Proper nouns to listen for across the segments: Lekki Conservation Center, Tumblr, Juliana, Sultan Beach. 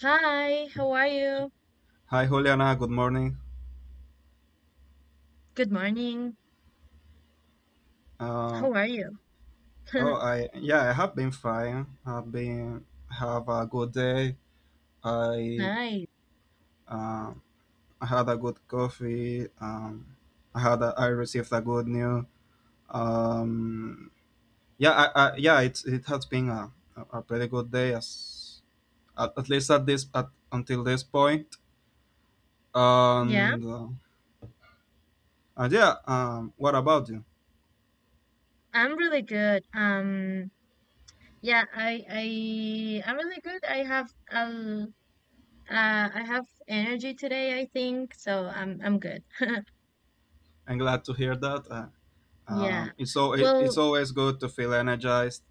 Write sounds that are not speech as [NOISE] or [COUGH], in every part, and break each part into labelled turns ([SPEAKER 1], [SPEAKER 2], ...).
[SPEAKER 1] Hi, how are you?
[SPEAKER 2] Hi, Juliana. Good morning.
[SPEAKER 1] Good morning.
[SPEAKER 2] Uh,
[SPEAKER 1] How are you?
[SPEAKER 2] oh,
[SPEAKER 1] [LAUGHS]
[SPEAKER 2] I yeah, I have been fine. I've been have a good day. I
[SPEAKER 1] Nice.
[SPEAKER 2] uh, I had a good coffee. I had I received a good news. Um, yeah, yeah. It has been a pretty good day at least at this at until this point.
[SPEAKER 1] Yeah,
[SPEAKER 2] And uh, and yeah. What about you?
[SPEAKER 1] I'm really good. Yeah, I'm really good. I have energy today, I think, so I'm good.
[SPEAKER 2] I'm glad to hear that.
[SPEAKER 1] Yeah.
[SPEAKER 2] It's it's
[SPEAKER 1] Well,
[SPEAKER 2] always good to feel energized.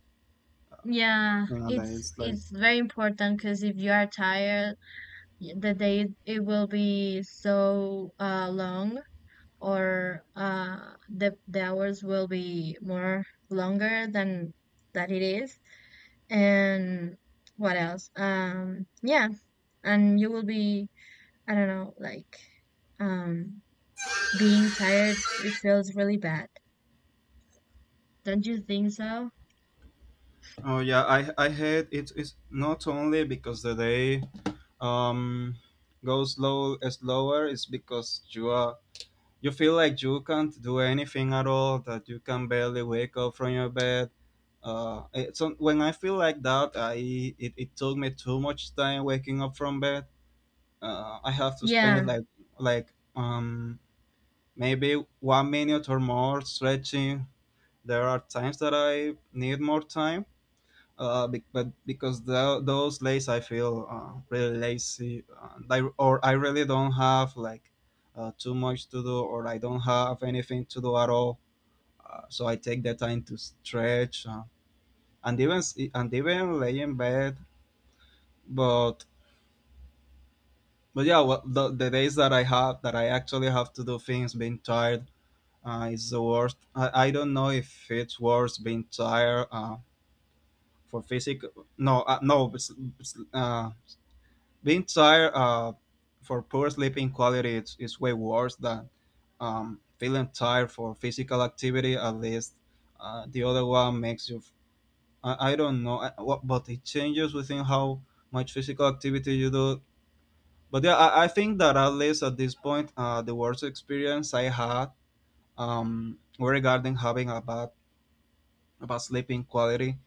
[SPEAKER 1] yeah,
[SPEAKER 2] Yeah, that
[SPEAKER 1] it's
[SPEAKER 2] is like
[SPEAKER 1] it's very important because if you are tired, the day it will be so long. Or the hours will be more longer than that it is. And what else? Yeah, and you will be I don't know like um being tired. It feels really bad. Don't you think so?
[SPEAKER 2] Oh yeah, I hate it. It's not only because the day um goes slower. It's because you are you feel like you can't do anything at all. That you can barely wake up from your bed. When I feel like that, it took me too much time waking up from bed. I have to
[SPEAKER 1] Yeah.
[SPEAKER 2] spend like maybe 1 minute or more stretching. There are times that I need more time but because those days I feel really lazy, or I really don't have like too much to do, or I don't have anything to do at all. So I take the time to stretch and and even lay in bed. But but yeah, well, the days that I actually have to do things, being tired is the worst. I don't know if it's worse being tired for physical. No, no, it's, Being tired for poor sleeping quality is way worse than feeling tired for physical activity, at least the other one makes you. I don't know what, but it changes within how much physical activity you do. But yeah, I think that at least at this point, the worst experience I had regarding having a bad about sleeping quality.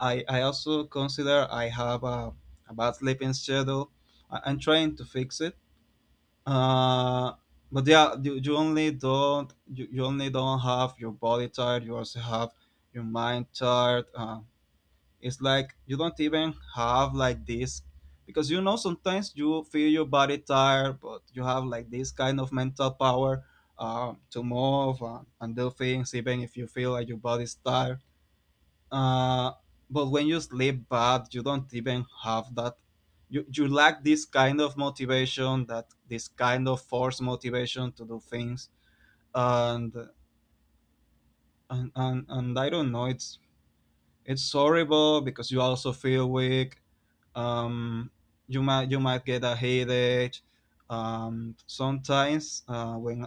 [SPEAKER 2] I also consider I have a bad sleeping schedule. I'm trying to fix it. Uh, but yeah, you only don't have your body tired. You also have your mind tired. It's like you don't even have like this, because you know sometimes you feel your body tired, but you have like this kind of mental power to move and do things even if you feel like your body's tired. uh, but when you sleep bad you don't even have that. You you, lack this kind of motivation, that this kind of force motivation to do things. And and and, and I don't know, it's horrible because you also feel weak. um you might get a headache sometimes, uh, when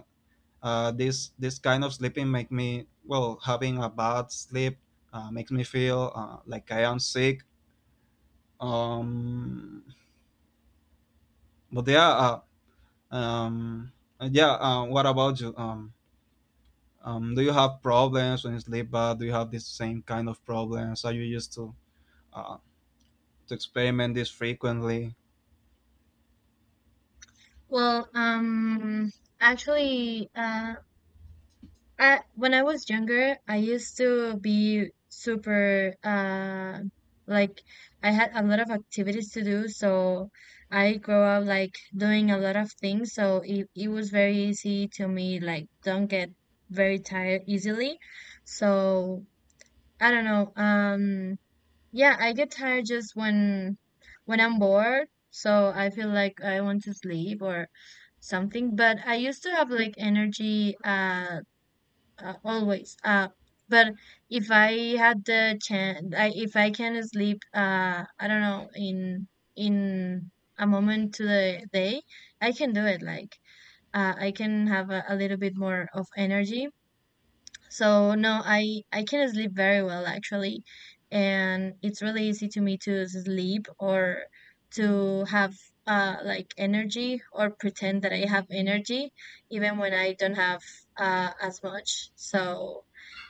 [SPEAKER 2] uh, this kind of sleeping make me, well, having a bad sleep makes me feel like I am sick. Um, but yeah, uh, um, yeah. What about you? Do you have problems when you sleep bad? Do you have this same kind of problems? Are you used uh, to experiment this frequently?
[SPEAKER 1] Well, actually. Uh. I when I was younger, I used to be super like I had a lot of activities to do, so I grew up like doing a lot of things, so it was very easy to me, like don't get very tired easily. So I don't know. Yeah, I get tired just when I'm bored, so I feel like I want to sleep or something, but I used to have like energy always. But if I had the chance, if I can sleep, I don't know, in a moment to the day, I can do it. Like, I can have a little bit more of energy so no, I can sleep very well actually, and it's really easy to me to sleep or to have like energy or pretend that I have energy even when I don't have as much. So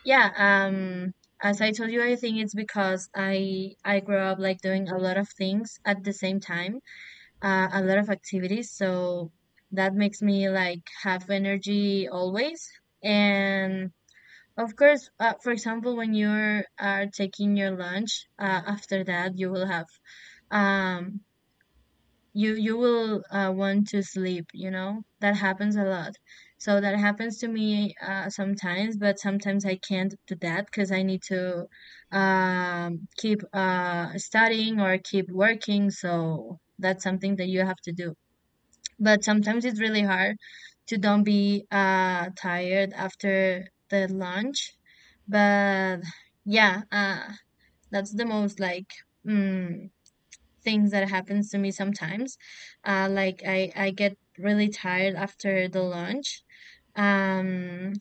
[SPEAKER 1] yeah, um as I told you, I think it's because I grew up like doing a lot of things at the same time, a lot of activities. So that makes me like have energy always and of course, for example, when you're are taking your lunch, after that you will have um you will want to sleep, That happens a lot. So that happens to me sometimes, but sometimes I can't do that because I need to keep studying or keep working, so that's something that you have to do but sometimes it's really hard to don't be tired after the lunch but yeah uh that's the most like mm, things that happens to me sometimes like I get really tired after the lunch um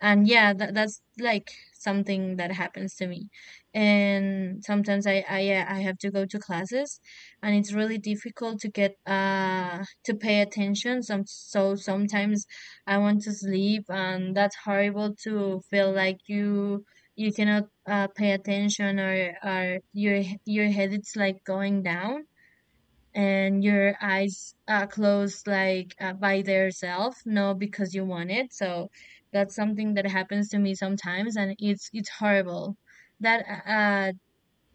[SPEAKER 1] and yeah that's like something that happens to me and sometimes I yeah, I have to go to classes and it's really difficult to get to pay attention some so sometimes I want to sleep and that's horrible to feel like you cannot pay attention or your head it's like going down and your eyes closed like by their self no because you want it so that's something that happens to me sometimes and it's horrible that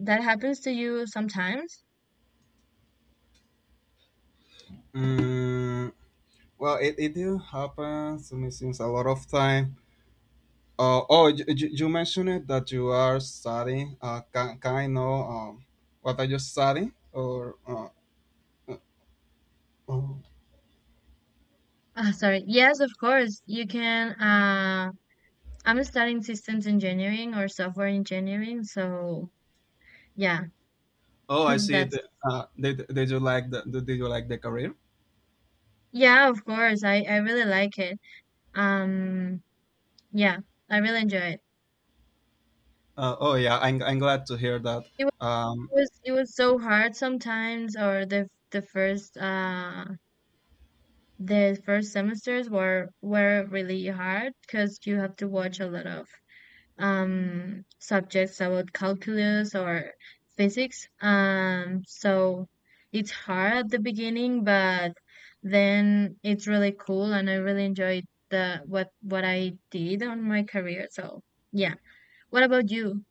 [SPEAKER 1] that happens to you sometimes
[SPEAKER 2] Mm, well, it do happen to me since a lot of time. Oh, you mentioned it that you are studying. Can I know what are you studying? Or uh, oh,
[SPEAKER 1] sorry, yes of course you can. I'm studying systems engineering or software engineering, so yeah.
[SPEAKER 2] oh,
[SPEAKER 1] [LAUGHS]
[SPEAKER 2] I see.
[SPEAKER 1] That's
[SPEAKER 2] The, did you like the Did you like the career?
[SPEAKER 1] yeah, of course, I really like it. um yeah, I really enjoy it.
[SPEAKER 2] Oh yeah, I'm glad to hear that. Um,
[SPEAKER 1] It was so hard sometimes, or the first semesters were really hard because you have to watch a lot of subjects about calculus or physics. So it's hard at the beginning, but then it's really cool, and I really enjoyed the what I did on my career. So yeah, what about you?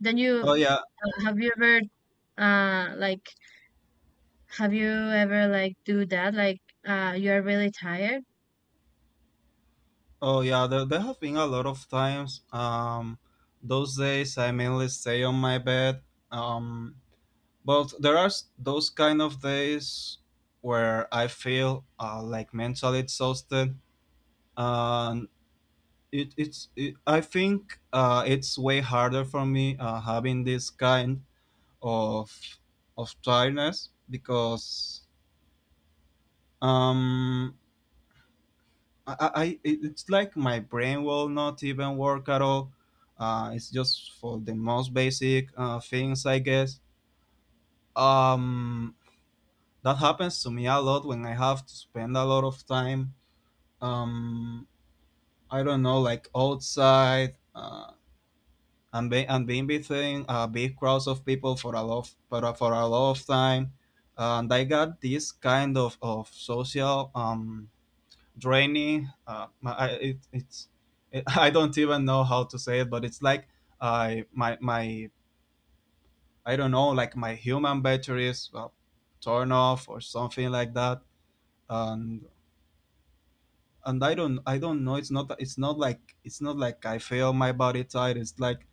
[SPEAKER 1] Then you
[SPEAKER 2] oh yeah,
[SPEAKER 1] have you ever like have you ever like do that? Like you're really tired?
[SPEAKER 2] oh yeah. There have been a lot of times. Those days I mainly stay on my bed. Um, but there are those kind of days where I feel like mentally exhausted. Um, I think it's way harder for me having this kind of of tiredness, because um I it's like my brain will not even work at all. It's just for the most basic things, I guess. Um, that happens to me a lot when I have to spend a lot of time. Um, I don't know, like outside, and being between big crowds of people, for a lot of time. And I got this kind of social draining. My, I, it, it's it, [LAUGHS] I don't even know how to say it, but it's like, my my I don't know, like my human batteries turn off or something like that. And and I don't know. It's not like I feel my body tired. It's like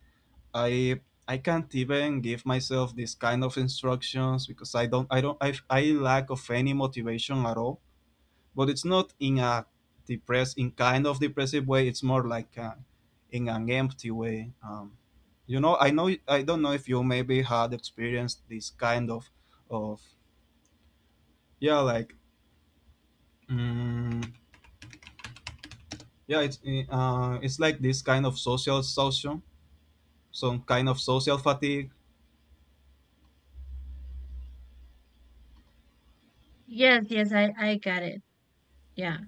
[SPEAKER 2] I I can't even give myself this kind of instructions, because I don't I don't I lack of any motivation at all, but it's not in a depressed, in kind of depressive way. It's more like in an empty way. You know, I don't know if you maybe had experienced this kind of. of yeah, like, mm, yeah, it's like this kind of social exhaustion, some kind of social fatigue.
[SPEAKER 1] Yes, yes, I got it. Yeah.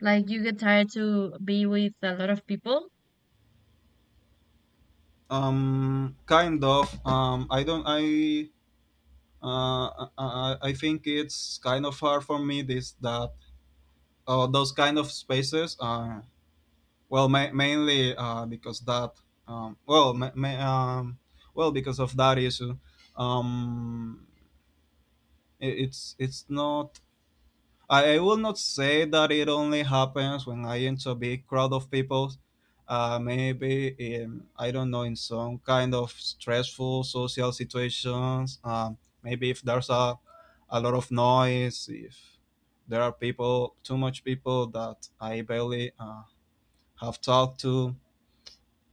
[SPEAKER 1] Like you get tired to be with a lot of people?
[SPEAKER 2] Kind of. I don't. I think it's kind of hard for me, this that those kind of spaces. Well, mainly because that. Well, well, because of that issue, um, it's not. I will not say that it only happens when I enter a big crowd of people. Maybe in, I don't know, in some kind of stressful social situations. Maybe if there's a lot of noise, if there are people too much people that I barely have talked to.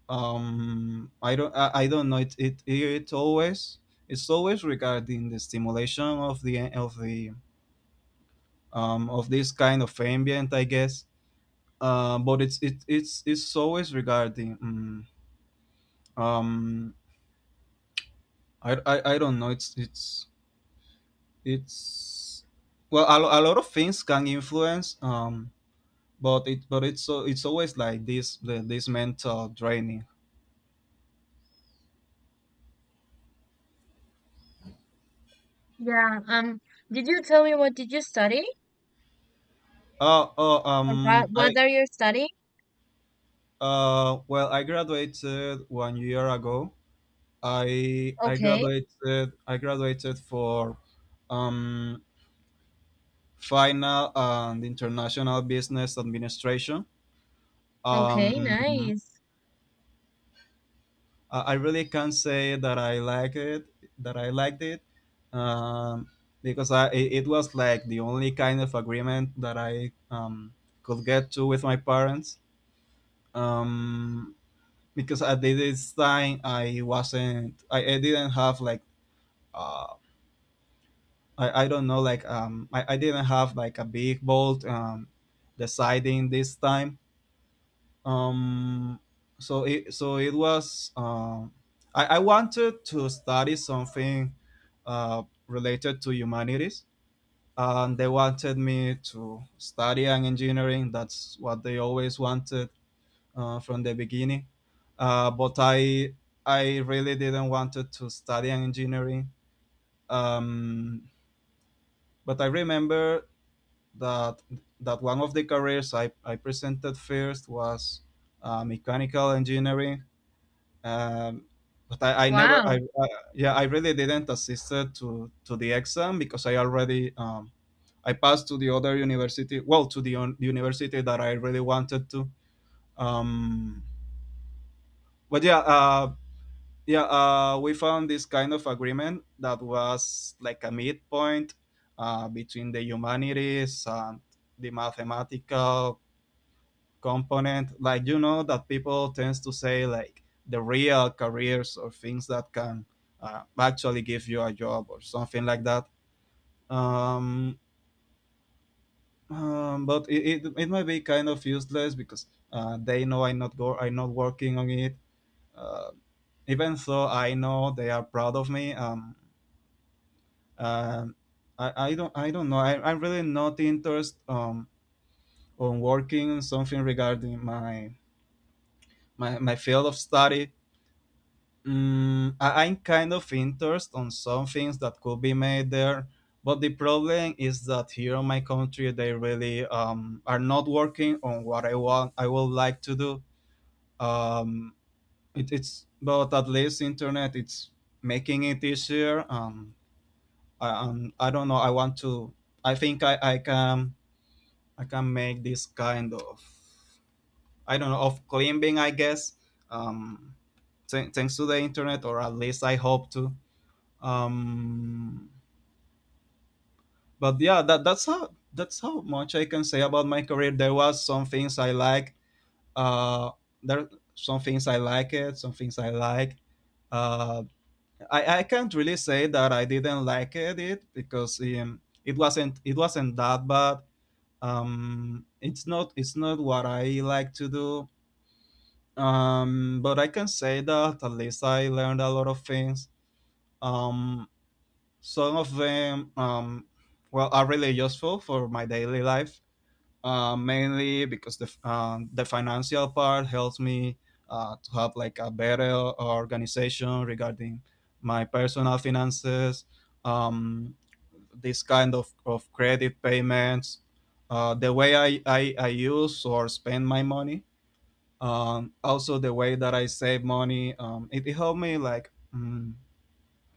[SPEAKER 2] I don't know, it it always, it's always regarding the stimulation of the of the of this kind of ambient, I guess. But it's it, It's always regarding, um I don't know, it's, well, a lot of things can influence. But it but It's so it's always like this, this mental draining.
[SPEAKER 1] Yeah. Did you tell me what did you study?
[SPEAKER 2] oh oh
[SPEAKER 1] What
[SPEAKER 2] um i
[SPEAKER 1] what are you studying?
[SPEAKER 2] I graduated 1 year ago. I I
[SPEAKER 1] Okay.
[SPEAKER 2] graduated I graduated for um, final and international business administration.
[SPEAKER 1] Okay,
[SPEAKER 2] Um,
[SPEAKER 1] nice.
[SPEAKER 2] I really can say that I like it, that I liked it, um, because I it it was like the only kind of agreement that I could get to with my parents. Um, because at this time I wasn't, I didn't have like, uh, I don't know, like I didn't have like a big bolt deciding this time, um so it was, I wanted to study something related to humanities, and they wanted me to study an engineering, that's what they always wanted from the beginning. But I really didn't wanted to study an engineering, um, but I remember that that one of the careers I presented first was mechanical engineering. Um, but I never, I
[SPEAKER 1] Wow.
[SPEAKER 2] Yeah, I really didn't assist to the exam because I already, I passed to the other university, well, to the university that I really wanted to. Um, but yeah, uh, yeah, we found this kind of agreement that was like a midpoint between the humanities and the mathematical component, like you know that people tends to say like the real careers or things that can actually give you a job or something like that, um, but it might be kind of useless because they know I'm not working on it, uh, even though I know they are proud of me. Um, I don't know, I'm really not interested on working on something regarding my, my field of study. Mm, I'm kind of interested on some things that could be made there, but the problem is that here in my country they really, are not working on what I want. I would like to do. Um, it, it's But at least internet it's making it easier. I don't know. I want to. I can, I can make this kind of, I don't know, of climbing, I guess, um, thanks to the internet, or at least I hope to. um but yeah, that's how much I can say about my career. There was some things I like, uh there some things I like it, some things I like. Uh i i can't really say that I didn't like it because it wasn't that bad. It's not what I like to do, but I can say that at least I learned a lot of things. um Some of them, well, are really useful for my daily life, mainly because the financial part helps me, to have like a better organization regarding my personal finances. Um, this kind of credit payments, the way I use or spend my money, also the way that I save money. It helped me like,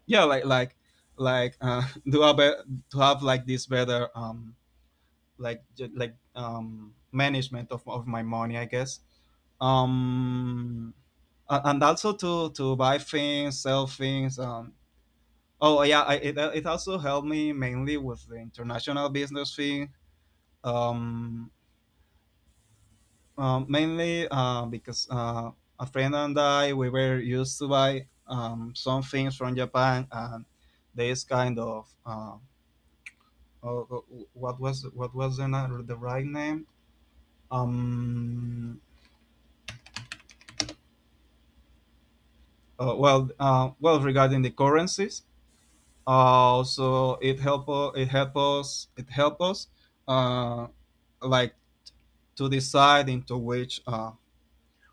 [SPEAKER 2] yeah, like, [LAUGHS] to have like this better, management of my money I guess. Um a- and also to buy things, sell things. Oh yeah, it also helped me mainly with the international business thing, um, mainly because a friend and I, we were used to buy some things from Japan and this kind of, uh, what was the right name? Um, well, regarding the currencies, so it help u- it help us it help us, uh, like, to decide into which.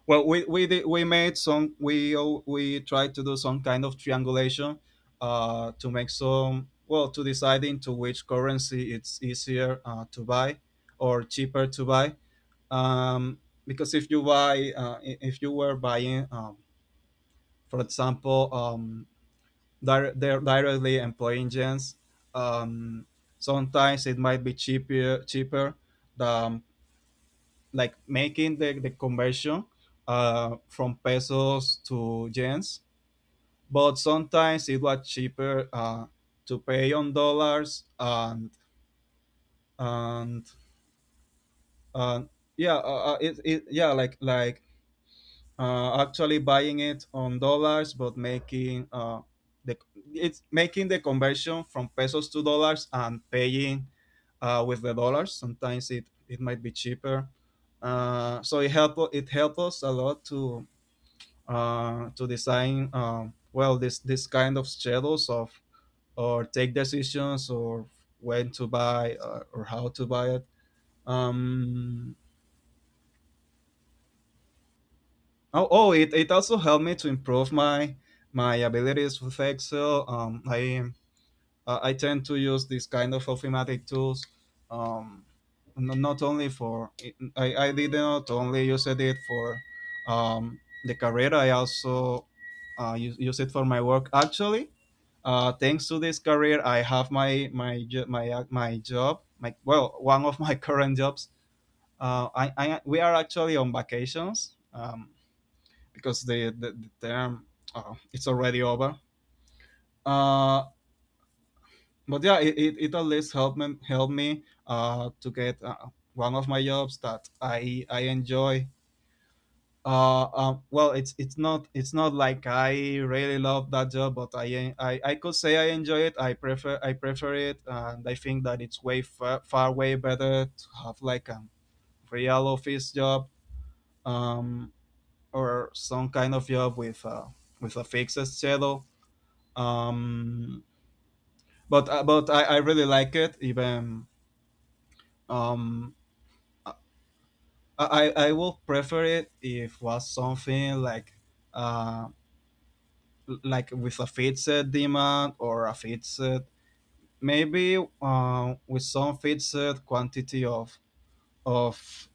[SPEAKER 2] Well, we did, we made some we al- we tried to do some kind of triangulation, to make some, well, to decide into which currency it's easier, to buy or cheaper to buy, um, because if you buy, if you were buying, for example, they're directly employee engines, um, sometimes it might be cheaper than, like, making the conversion, from pesos to yens, but sometimes it was cheaper, to pay on dollars, and, and yeah it, it yeah, actually buying it on dollars but making, the it's making the conversion from pesos to dollars and paying, with the dollars, sometimes it might be cheaper, so it helped us a lot to, to design, well, this kind of schedules of, or take decisions, or when to buy, or how to buy it. um, Oh, oh, it also helped me to improve my, my abilities with Excel. I tend to use this kind of automatic tools. Um, not only for, I did not only use it for, um, the career. I also, use it for my work. Actually, thanks to this career, I have my job. My, well, one of my [LAUGHS] current jobs. I We are actually on vacations. Because the term, it's already over. Uh, but yeah, it at least helped me to get, one of my jobs that I enjoy. Well, it's not like I really love that job, but I could say I enjoy it. I prefer it, and I think that it's way far, far way better to have like a real office job, um, or some kind of job with, with a fixed schedule. Um, but I really like it. Even, um, I I will prefer it if was something like, uh like with a fixed demand, or a fixed, maybe, with some fixed quantity of,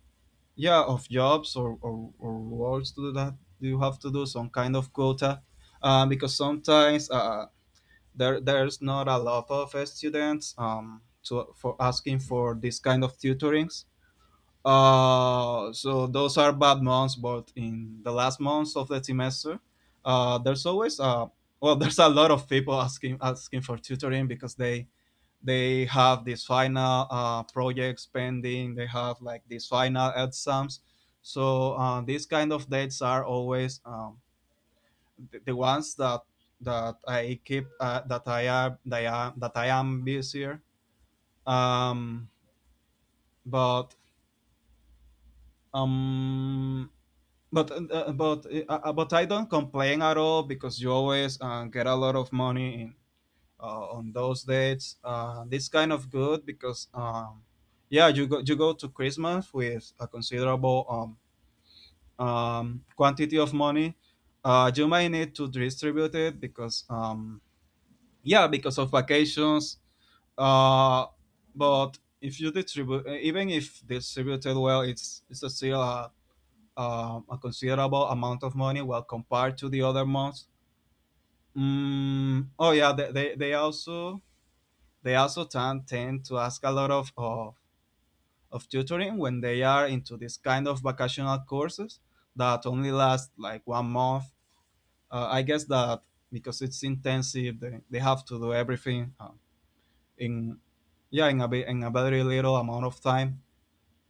[SPEAKER 2] yeah, of jobs, or or roles to do, that you have to do some kind of quota, because sometimes, there's not a lot of, students to, for asking for this kind of tutorings, so those are bad months, but in the last months of the semester, there's always, [LAUGHS] there's a lot of people asking for tutoring, because they have these final, projects pending, they have like these final exams, so, these kind of dates are always, the ones that I keep, that I am busier. Um, but um, but But I don't complain at all, because you always, get a lot of money in, on those dates. This kind of good, because, yeah, you go to Christmas with a considerable, quantity of money. You might need to distribute it, because, yeah, because of vacations. Uh, but if you distribute, even if distributed well, it's still a considerable amount of money. Well, compared to the other months. Oh yeah, they also, they also tend to ask a lot of of tutoring, when they are into this kind of vocational courses that only last like 1 month. I guess that, because it's intensive, they have to do everything, in yeah in a bit, in a very little amount of time.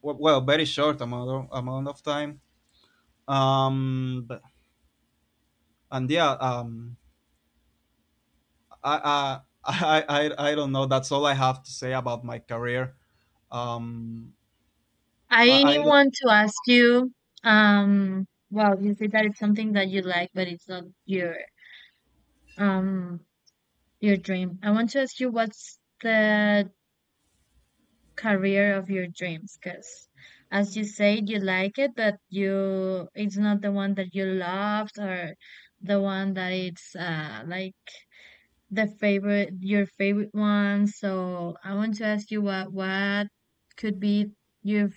[SPEAKER 2] Well, well, very short amount of amount of time. But, and yeah, I don't know. That's all I have to say about my career. Um,
[SPEAKER 1] I
[SPEAKER 2] I don't-
[SPEAKER 1] want to ask you well, you said that it's something that you like, but it's not your um your dream. I want to ask you what's the career of your dreams because as you said you like it but you it's not the one that you loved or the one that it's like the favorite your favorite one. So I want to ask you what could be your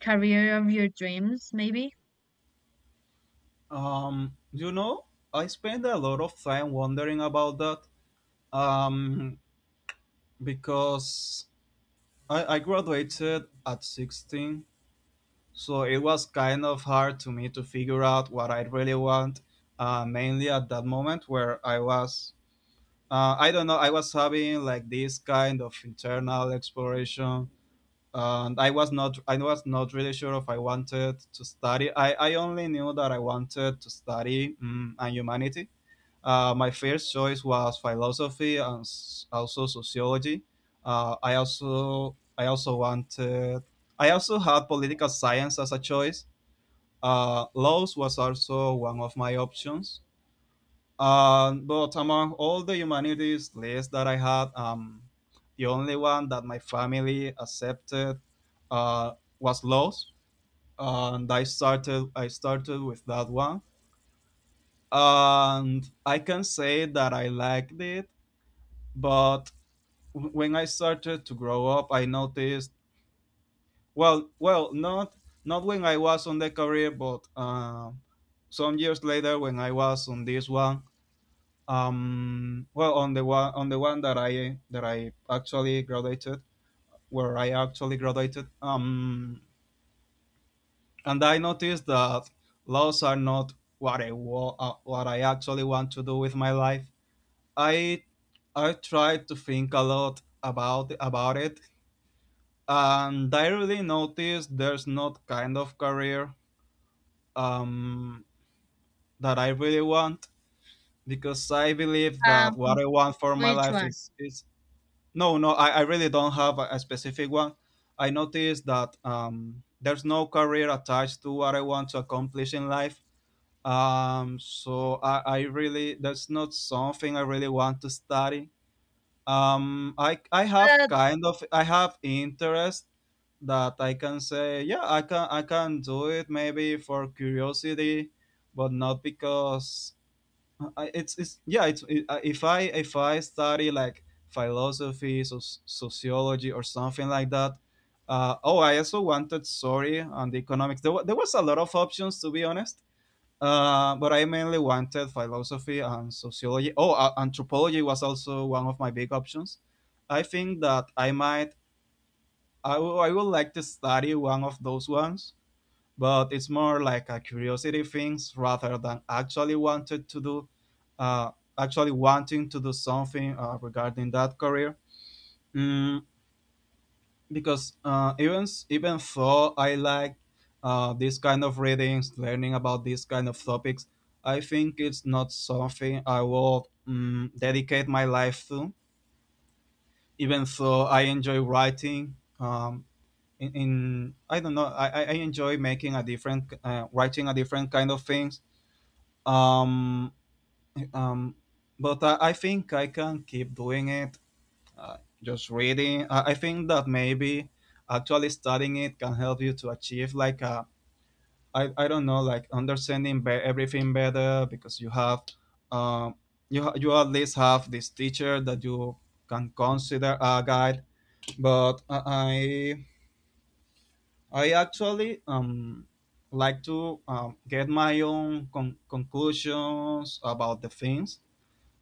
[SPEAKER 1] career of your dreams maybe.
[SPEAKER 2] You know, I spend a lot of time wondering about that. Um, because I graduated at 16, so it was kind of hard to me to figure out what I really want. Mainly at that moment where I was, I don't know, I was having like this kind of internal exploration, and I was not. I was not really sure if I wanted to study. I only knew that I wanted to study, and humanity. My first choice was philosophy and, also sociology. I also wanted. I also had political science as a choice. Laws was also one of my options, but among all the humanities lists that I had, the only one that my family accepted, uh, was laws, and I started with that one, and I can say that I liked it. But, when I started to grow up, I noticed, well, well, not, not when I was on the career, but, some years later when I was on this one. Well, on the one, on the one that I actually graduated, where I actually graduated, and I noticed that laws are not what what I actually want to do with my life. I I tried to think a lot about it, and I really noticed there's not kind of career, um, that I really want, because I believe
[SPEAKER 1] um
[SPEAKER 2] that what I want for my
[SPEAKER 1] which
[SPEAKER 2] life
[SPEAKER 1] one?
[SPEAKER 2] is is. No, no, I really don't have a specific one. I noticed that, there's no career attached to what I want to accomplish in life. So I really, that's not something I really want to study. I have
[SPEAKER 1] uh,
[SPEAKER 2] kind of, I have interest that I can say, yeah, I can do it maybe for curiosity, but not because I, it's yeah it's it, if I study like philosophy, so sociology or something like that. Oh, I also wanted, sorry, on the economics. There, there was a lot of options, to be honest, but I mainly wanted philosophy and sociology. Oh, anthropology was also one of my big options. I think that I might, I would like to study one of those ones, but it's more like a curiosity things rather than actually wanted to do, uh, actually wanting to do something, regarding that career. mm, because, even though I like, this kind of readings, learning about these kind of topics, I think it's not something I will, dedicate my life to, even though I enjoy writing, in I don't know, I enjoy making a different, writing a different kind of things. Um, um, but I think I can keep doing it. Just reading. I think that maybe actually studying it can help you to achieve like a, I don't know, like understanding everything better, because you have, um you at least have this teacher that you can consider a guide. But I actually, like to, get my own conclusions about the things,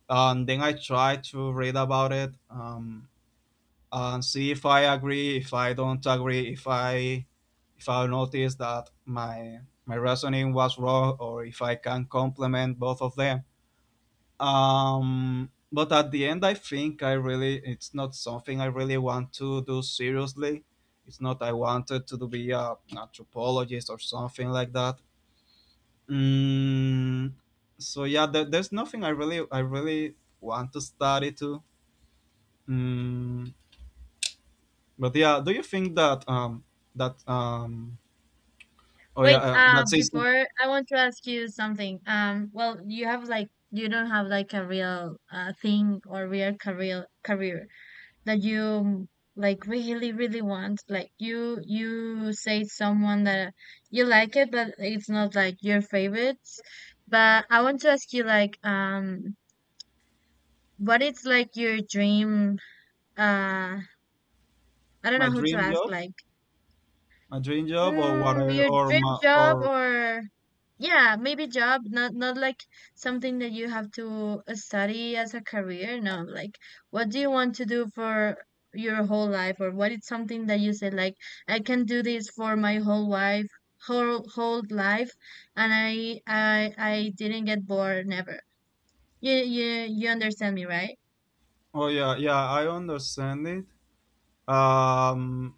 [SPEAKER 2] and then I try to read about it, and see if I agree, if I don't agree, if I, if I notice that my reasoning was wrong, or if I can complement both of them. But at the end, I think I really it's not something I really want to do seriously. It's not I wanted to be a anthropologist or something like that. Mm, so yeah, there, there's nothing I really want to study to. Mm, but yeah, do you think that that um oh yeah,
[SPEAKER 1] Wait,
[SPEAKER 2] that is
[SPEAKER 1] before I want to ask you something. Well, you have like you don't have like a real thing or real career that you like really really want, like you say someone that you like it but it's not like your favorites, but I want to ask you like what is like your dream? uh I don't know
[SPEAKER 2] my
[SPEAKER 1] how to
[SPEAKER 2] dream
[SPEAKER 1] ask,
[SPEAKER 2] job,
[SPEAKER 1] like,
[SPEAKER 2] my dream job or what
[SPEAKER 1] mm,
[SPEAKER 2] I,
[SPEAKER 1] your
[SPEAKER 2] or
[SPEAKER 1] dream
[SPEAKER 2] my,
[SPEAKER 1] job,
[SPEAKER 2] or,
[SPEAKER 1] or yeah, maybe job, not not like something that you have to study as a career. No, like what do you want to do for your whole life, or what is something that you say, like, I can do this for my whole life, whole whole life, and I didn't get bored never. You you you understand me, right?
[SPEAKER 2] oh yeah, yeah, I understand it. Um,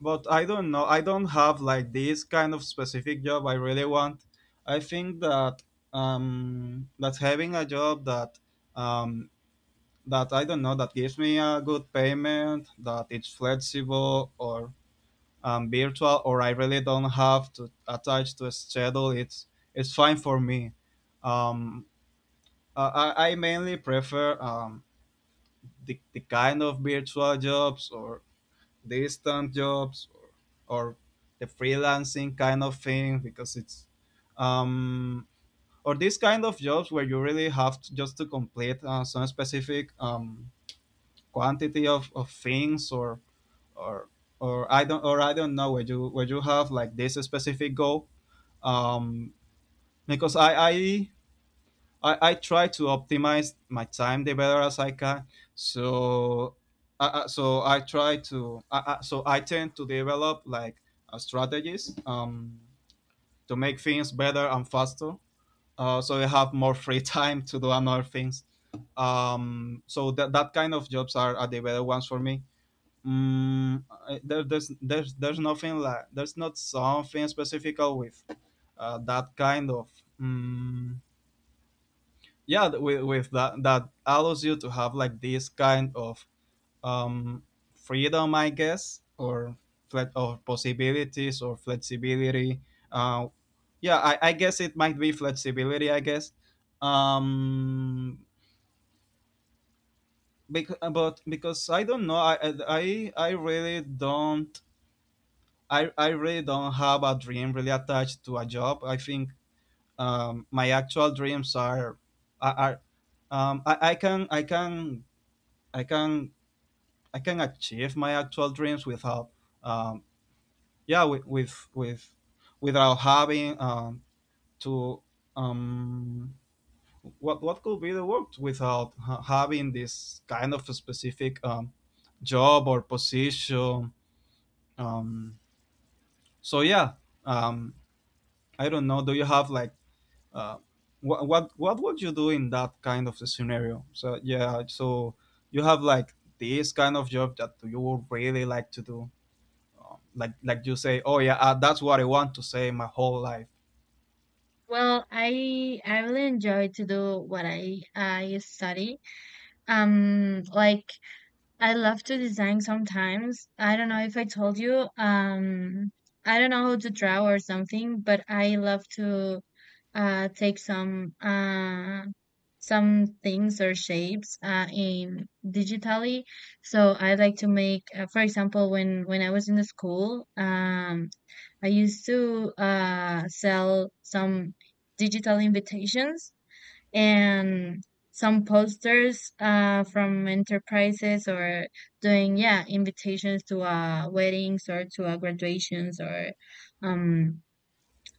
[SPEAKER 2] but I don't know. I don't have like this kind of specific job I really want. I think that having a job that um that I don't know, that gives me a good payment, that it's flexible or virtual, or I really don't have to attach to a schedule, it's fine for me. Um, I, I mainly prefer the kind of virtual jobs or distant jobs, or the freelancing kind of thing because it's um, or these kind of jobs where you really have to just to complete some specific quantity of things or or I don't or I don't know where you have like this specific goal, um, because I try to optimize my time the better as I can. So I try to I tend to develop like strategies, to make things better and faster. So I have more free [LAUGHS] time to do another things. So that kind of jobs are the better ones for me. Mm, there's nothing like there's not something specific with that kind of, mm, yeah, with that that allows you to have like this kind of, um, freedom, I guess, or or possibilities, or flexibility, uh, yeah, I guess it might be flexibility, I guess. um because, but because I don't know, I really don't have a dream really attached to a job. I think my actual dreams are are, are um, I, I can I can I can I can achieve my actual dreams without, um, yeah, with without having, to, um, what could be the word, without having this kind of a specific, job or position. um, so yeah. um, I don't know, do you have like, Uh, what would you do in that kind of a scenario? So yeah, so you have like this kind of job that you would really like to do, like you say, oh yeah, that's what I want to say my whole life.
[SPEAKER 1] Well, I really enjoy to do what I study. Like I love to design sometimes. I don't know if I told you, I don't know how to draw or something, but I love to take some things or shapes in digitally. So I like to make, for example, when I was in the school, I used to sell some digital invitations and some posters from enterprises or doing, yeah, invitations to weddings or to graduations or um,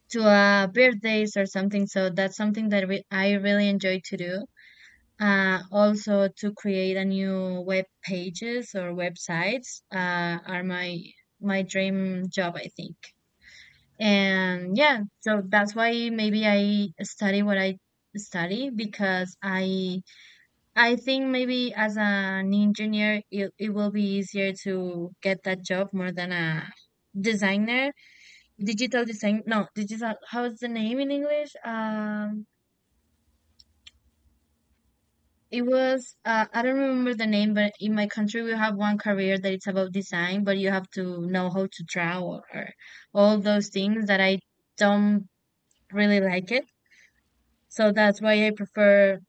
[SPEAKER 1] to birthdays or something. So that's something that I really enjoy to do. Also to create a new web pages or websites are my my dream job, I think. And yeah, so that's why maybe I study what I study because I think maybe as an engineer, it will be easier to get that job more than a designer. Digital design, no, digital, how's the name in English? It was, I don't remember the name, but in my country, we have one career that it's about design, but you have to know how to draw, or all those things that I don't really like it. So that's why I prefer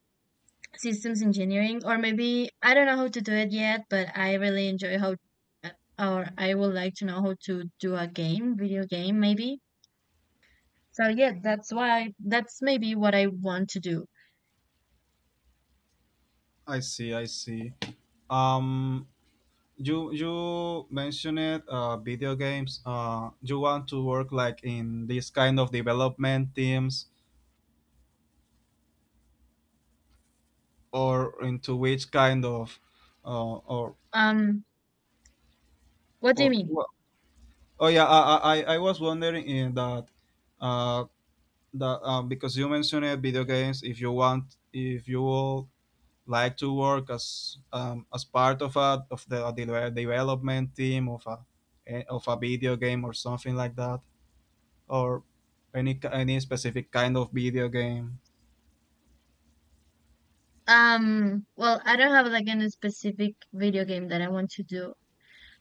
[SPEAKER 1] systems engineering, or maybe I don't know how to do it yet, but I really enjoy how uh, or I would like to know how to do a game video game maybe. So yeah, that's why that's maybe what I want to do.
[SPEAKER 2] I see, I see. Um, you mentioned it, video games. You want to work like in this kind of development teams, or into which kind of, or
[SPEAKER 1] um what do you
[SPEAKER 2] or
[SPEAKER 1] mean?
[SPEAKER 2] wh- oh yeah, I was wondering in that, uh that, because you mentioned it, video games. If you want, if you will like to work as, as part of a, of the development team of a, of a video game or something like that, or any specific kind of video game.
[SPEAKER 1] Well, I don't have like any specific video game that I want to do.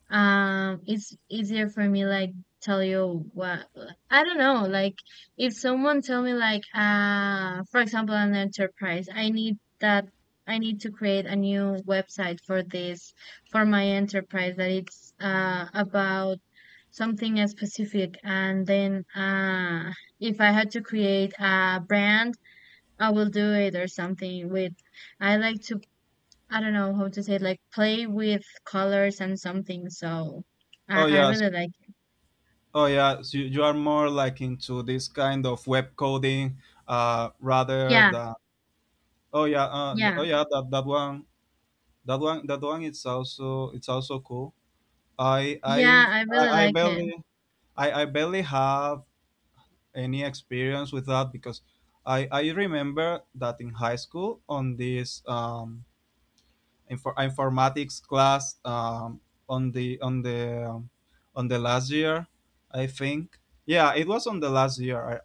[SPEAKER 1] It's easier for me like tell you what. I don't know, like, if someone tell me like, for example, an enterprise, I need that I need to create a new website for this, for my enterprise, that it's about something specific, and then if I had to create a brand, I will do it, or something with I like to I don't know how to say it, like play with colors and something. So
[SPEAKER 2] Oh
[SPEAKER 1] I
[SPEAKER 2] yes,
[SPEAKER 1] really like it.
[SPEAKER 2] oh yeah. So you are more like into this kind of web coding, rather
[SPEAKER 1] Yeah,
[SPEAKER 2] than, oh yeah,
[SPEAKER 1] yeah,
[SPEAKER 2] oh yeah, that that one. That one, that one, it's also cool. I
[SPEAKER 1] yeah,
[SPEAKER 2] I
[SPEAKER 1] I
[SPEAKER 2] I
[SPEAKER 1] really
[SPEAKER 2] I
[SPEAKER 1] like it.
[SPEAKER 2] barely I barely have any experience with that because I remember that in high school, on this, informatics class, on the on the last year, I think. Yeah, it was on the last year.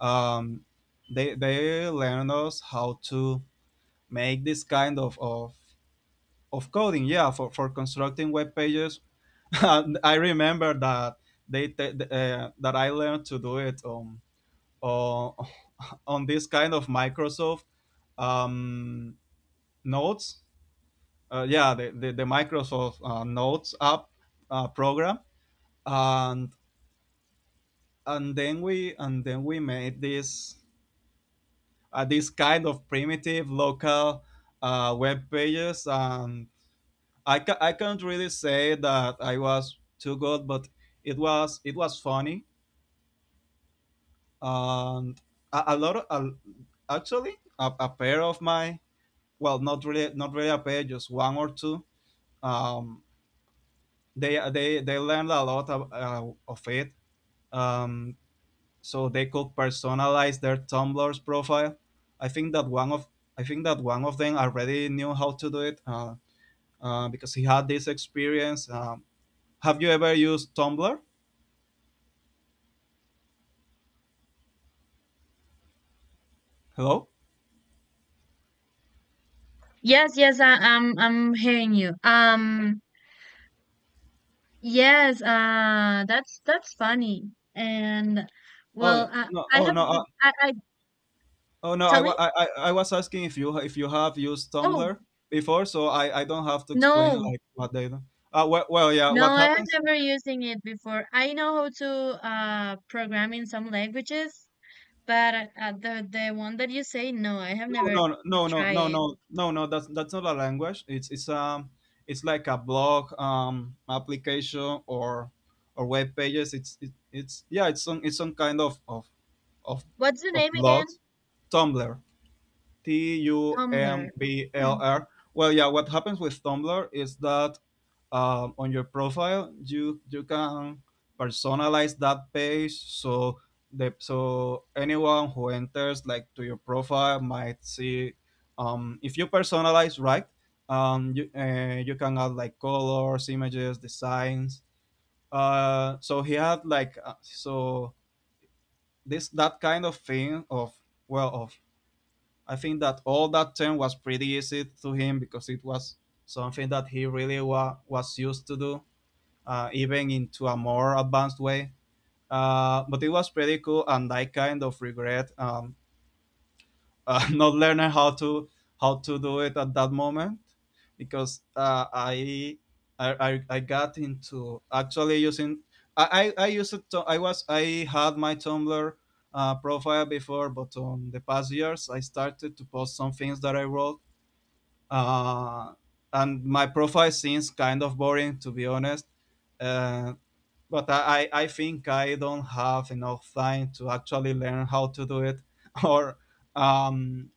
[SPEAKER 2] um they learned us how to make this kind of coding, yeah, for constructing web pages, [LAUGHS] and I remember that, that I learned to do it, on [LAUGHS] on this kind of Microsoft, um, notes. Yeah, the Microsoft, notes app, program. And and then we made this, this kind of primitive local, web pages, and I can't really say that I was too good, but it was funny, and a lot of a, actually a pair of my, well, not really, not really a pair, just one or two, um they they learned a lot of it, um so they could personalize their Tumblr's profile. i think that one of I think that one of them already knew how to do it, because he had this experience. Have you ever used Tumblr? Hello?
[SPEAKER 1] Yes, yes, I'm hearing you. Yes, that's funny. And
[SPEAKER 2] Oh
[SPEAKER 1] well,
[SPEAKER 2] no!
[SPEAKER 1] I
[SPEAKER 2] Oh
[SPEAKER 1] have
[SPEAKER 2] no!
[SPEAKER 1] I
[SPEAKER 2] Oh no!
[SPEAKER 1] tell me.
[SPEAKER 2] I was asking if you, if you have used
[SPEAKER 1] Oh
[SPEAKER 2] Tumblr before, so I don't have to explain
[SPEAKER 1] no,
[SPEAKER 2] like what they do. Well, well, yeah.
[SPEAKER 1] no,
[SPEAKER 2] What
[SPEAKER 1] I have
[SPEAKER 2] happens?
[SPEAKER 1] never using it before. I know how to program in some languages, but the one that you say, no, I have
[SPEAKER 2] No,
[SPEAKER 1] never
[SPEAKER 2] no, no, no,
[SPEAKER 1] tried
[SPEAKER 2] no,
[SPEAKER 1] it.
[SPEAKER 2] no, no, no. That's not a language. It's like a blog, application or web pages. It's, yeah. It's some kind of
[SPEAKER 1] What's the
[SPEAKER 2] of
[SPEAKER 1] name again?
[SPEAKER 2] blogs. Tumblr. T U
[SPEAKER 1] Tumblr.
[SPEAKER 2] M B L
[SPEAKER 1] Hmm.
[SPEAKER 2] R. Well, yeah. What happens with Tumblr is that, on your profile you can personalize that page, so the, so anyone who enters like to your profile might see, if you personalize right, you, you can add like colors, images, designs. So he had like, so this, that kind of thing of, well, of, I think that all that term was pretty easy to him because it was something that he really was used to do, even into a more advanced way. But it was pretty cool, and I kind of regret, [LAUGHS] not learning how to do it at that moment, because, I got into actually using, I used to I had my Tumblr, profile before, but on the past years I started to post some things that I wrote, uh, and my profile seems kind of boring, to be honest. Uh, but I think I don't have enough time to actually learn how to do it [LAUGHS] or, um,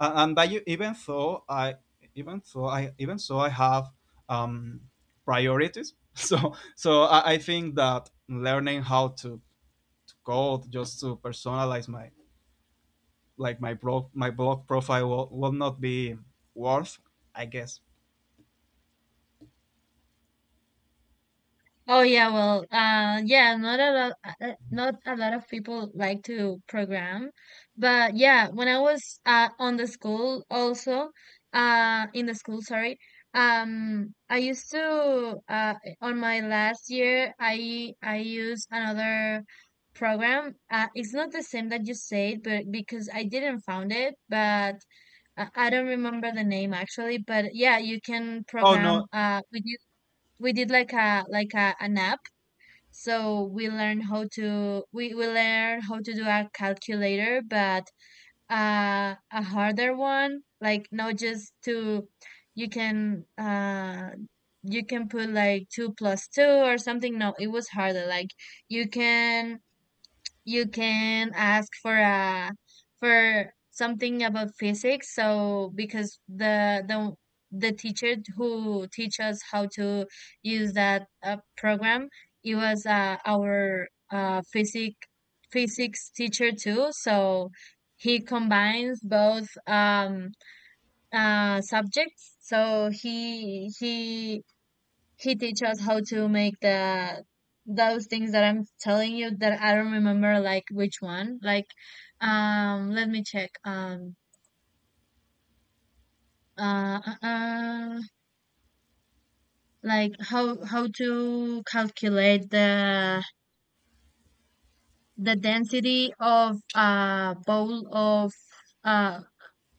[SPEAKER 2] and that you, even so I have, um, priorities. [LAUGHS] I think that learning to code just to personalize my, like my blog, profile will not be worth, I guess.
[SPEAKER 1] Oh yeah, well, yeah, not a lot, not a lot of people like to program, but yeah, when I was on the school also, in the school, sorry, I used to on my last year, I used another program. It's not the same that you said, but because I didn't found it, but I don't remember the name actually, but yeah, you can
[SPEAKER 2] Oh no,
[SPEAKER 1] program with we did like a like an app so we learned how to we learned how to do a calculator but a harder one like not just to you can uh you can put like two plus two or something. No, it was harder, like you can you can ask for a for something about physics, so because the teacher who teach us how to use that program it was, our physics physics teacher too, so he combines both subjects, so he teach us how to make the those things that I'm telling you that I don't remember like which one. Like let me check. Uh, uh, uh like how to calculate the density of a bowl of uh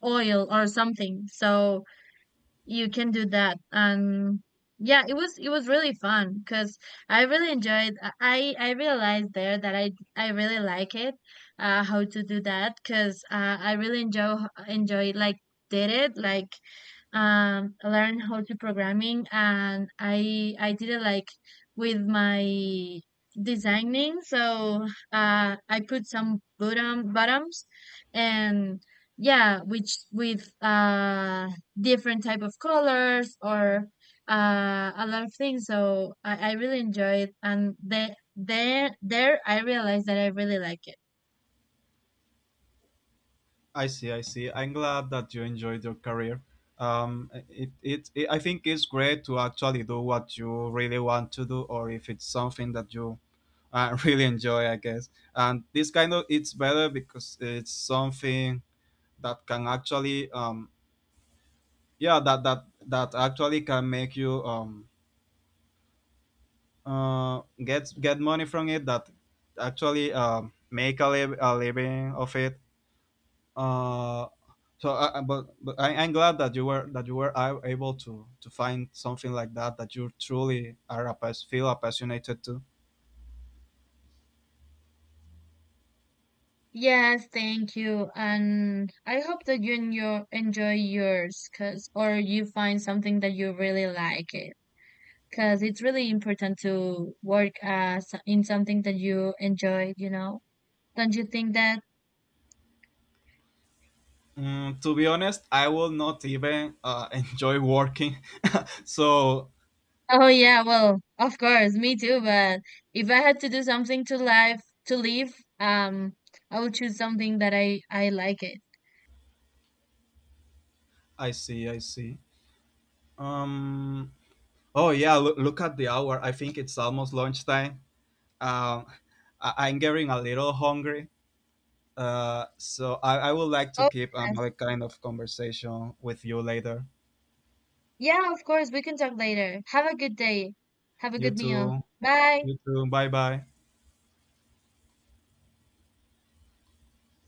[SPEAKER 1] oil or something. So you can do that, and yeah, it was really fun because I really enjoyed I realized there that I really like it how to do that because, I really enjoy enjoy like did it like learn how to programming, and I did it like with my designing, so I put some bottom bottoms and yeah which with different type of colors or a lot of things, so I really enjoy it, and there there I realized that I really like it.
[SPEAKER 2] I see, I see. I'm glad that you enjoyed your career. I think it's great to actually do what you really want to do, or if it's something that you, [LAUGHS] really enjoy, I guess. And this kind of, it's better because it's something that can actually, yeah, that actually can make you, get money from it. That actually, make a living of it. Uh, so, but I'm glad that you were, that you were able to find something like that, that you truly are, feel passionate to.
[SPEAKER 1] Yes, thank you. And I hope that you enjoy, enjoy yours, cause, or you find something that you really like it. Cause it's really important to work as in something that you enjoy, you know? Don't you think that?
[SPEAKER 2] Mm, to be honest, I will not even, [LAUGHS] enjoy working. [LAUGHS] So,
[SPEAKER 1] Oh yeah, well, of course, me too, but if I had to do something to life, to live, um, I would choose something that I like it.
[SPEAKER 2] I see, I see. Um. Oh yeah, look, look at the hour. I think it's almost lunchtime. Um, I'm getting a little hungry. So I would like to
[SPEAKER 1] Oh
[SPEAKER 2] keep
[SPEAKER 1] yes.
[SPEAKER 2] another kind of conversation with you later.
[SPEAKER 1] Yeah, of course, we can talk later. Have a good day. Have a
[SPEAKER 2] You
[SPEAKER 1] good meal.
[SPEAKER 2] too.
[SPEAKER 1] Bye.
[SPEAKER 2] You too. Bye bye.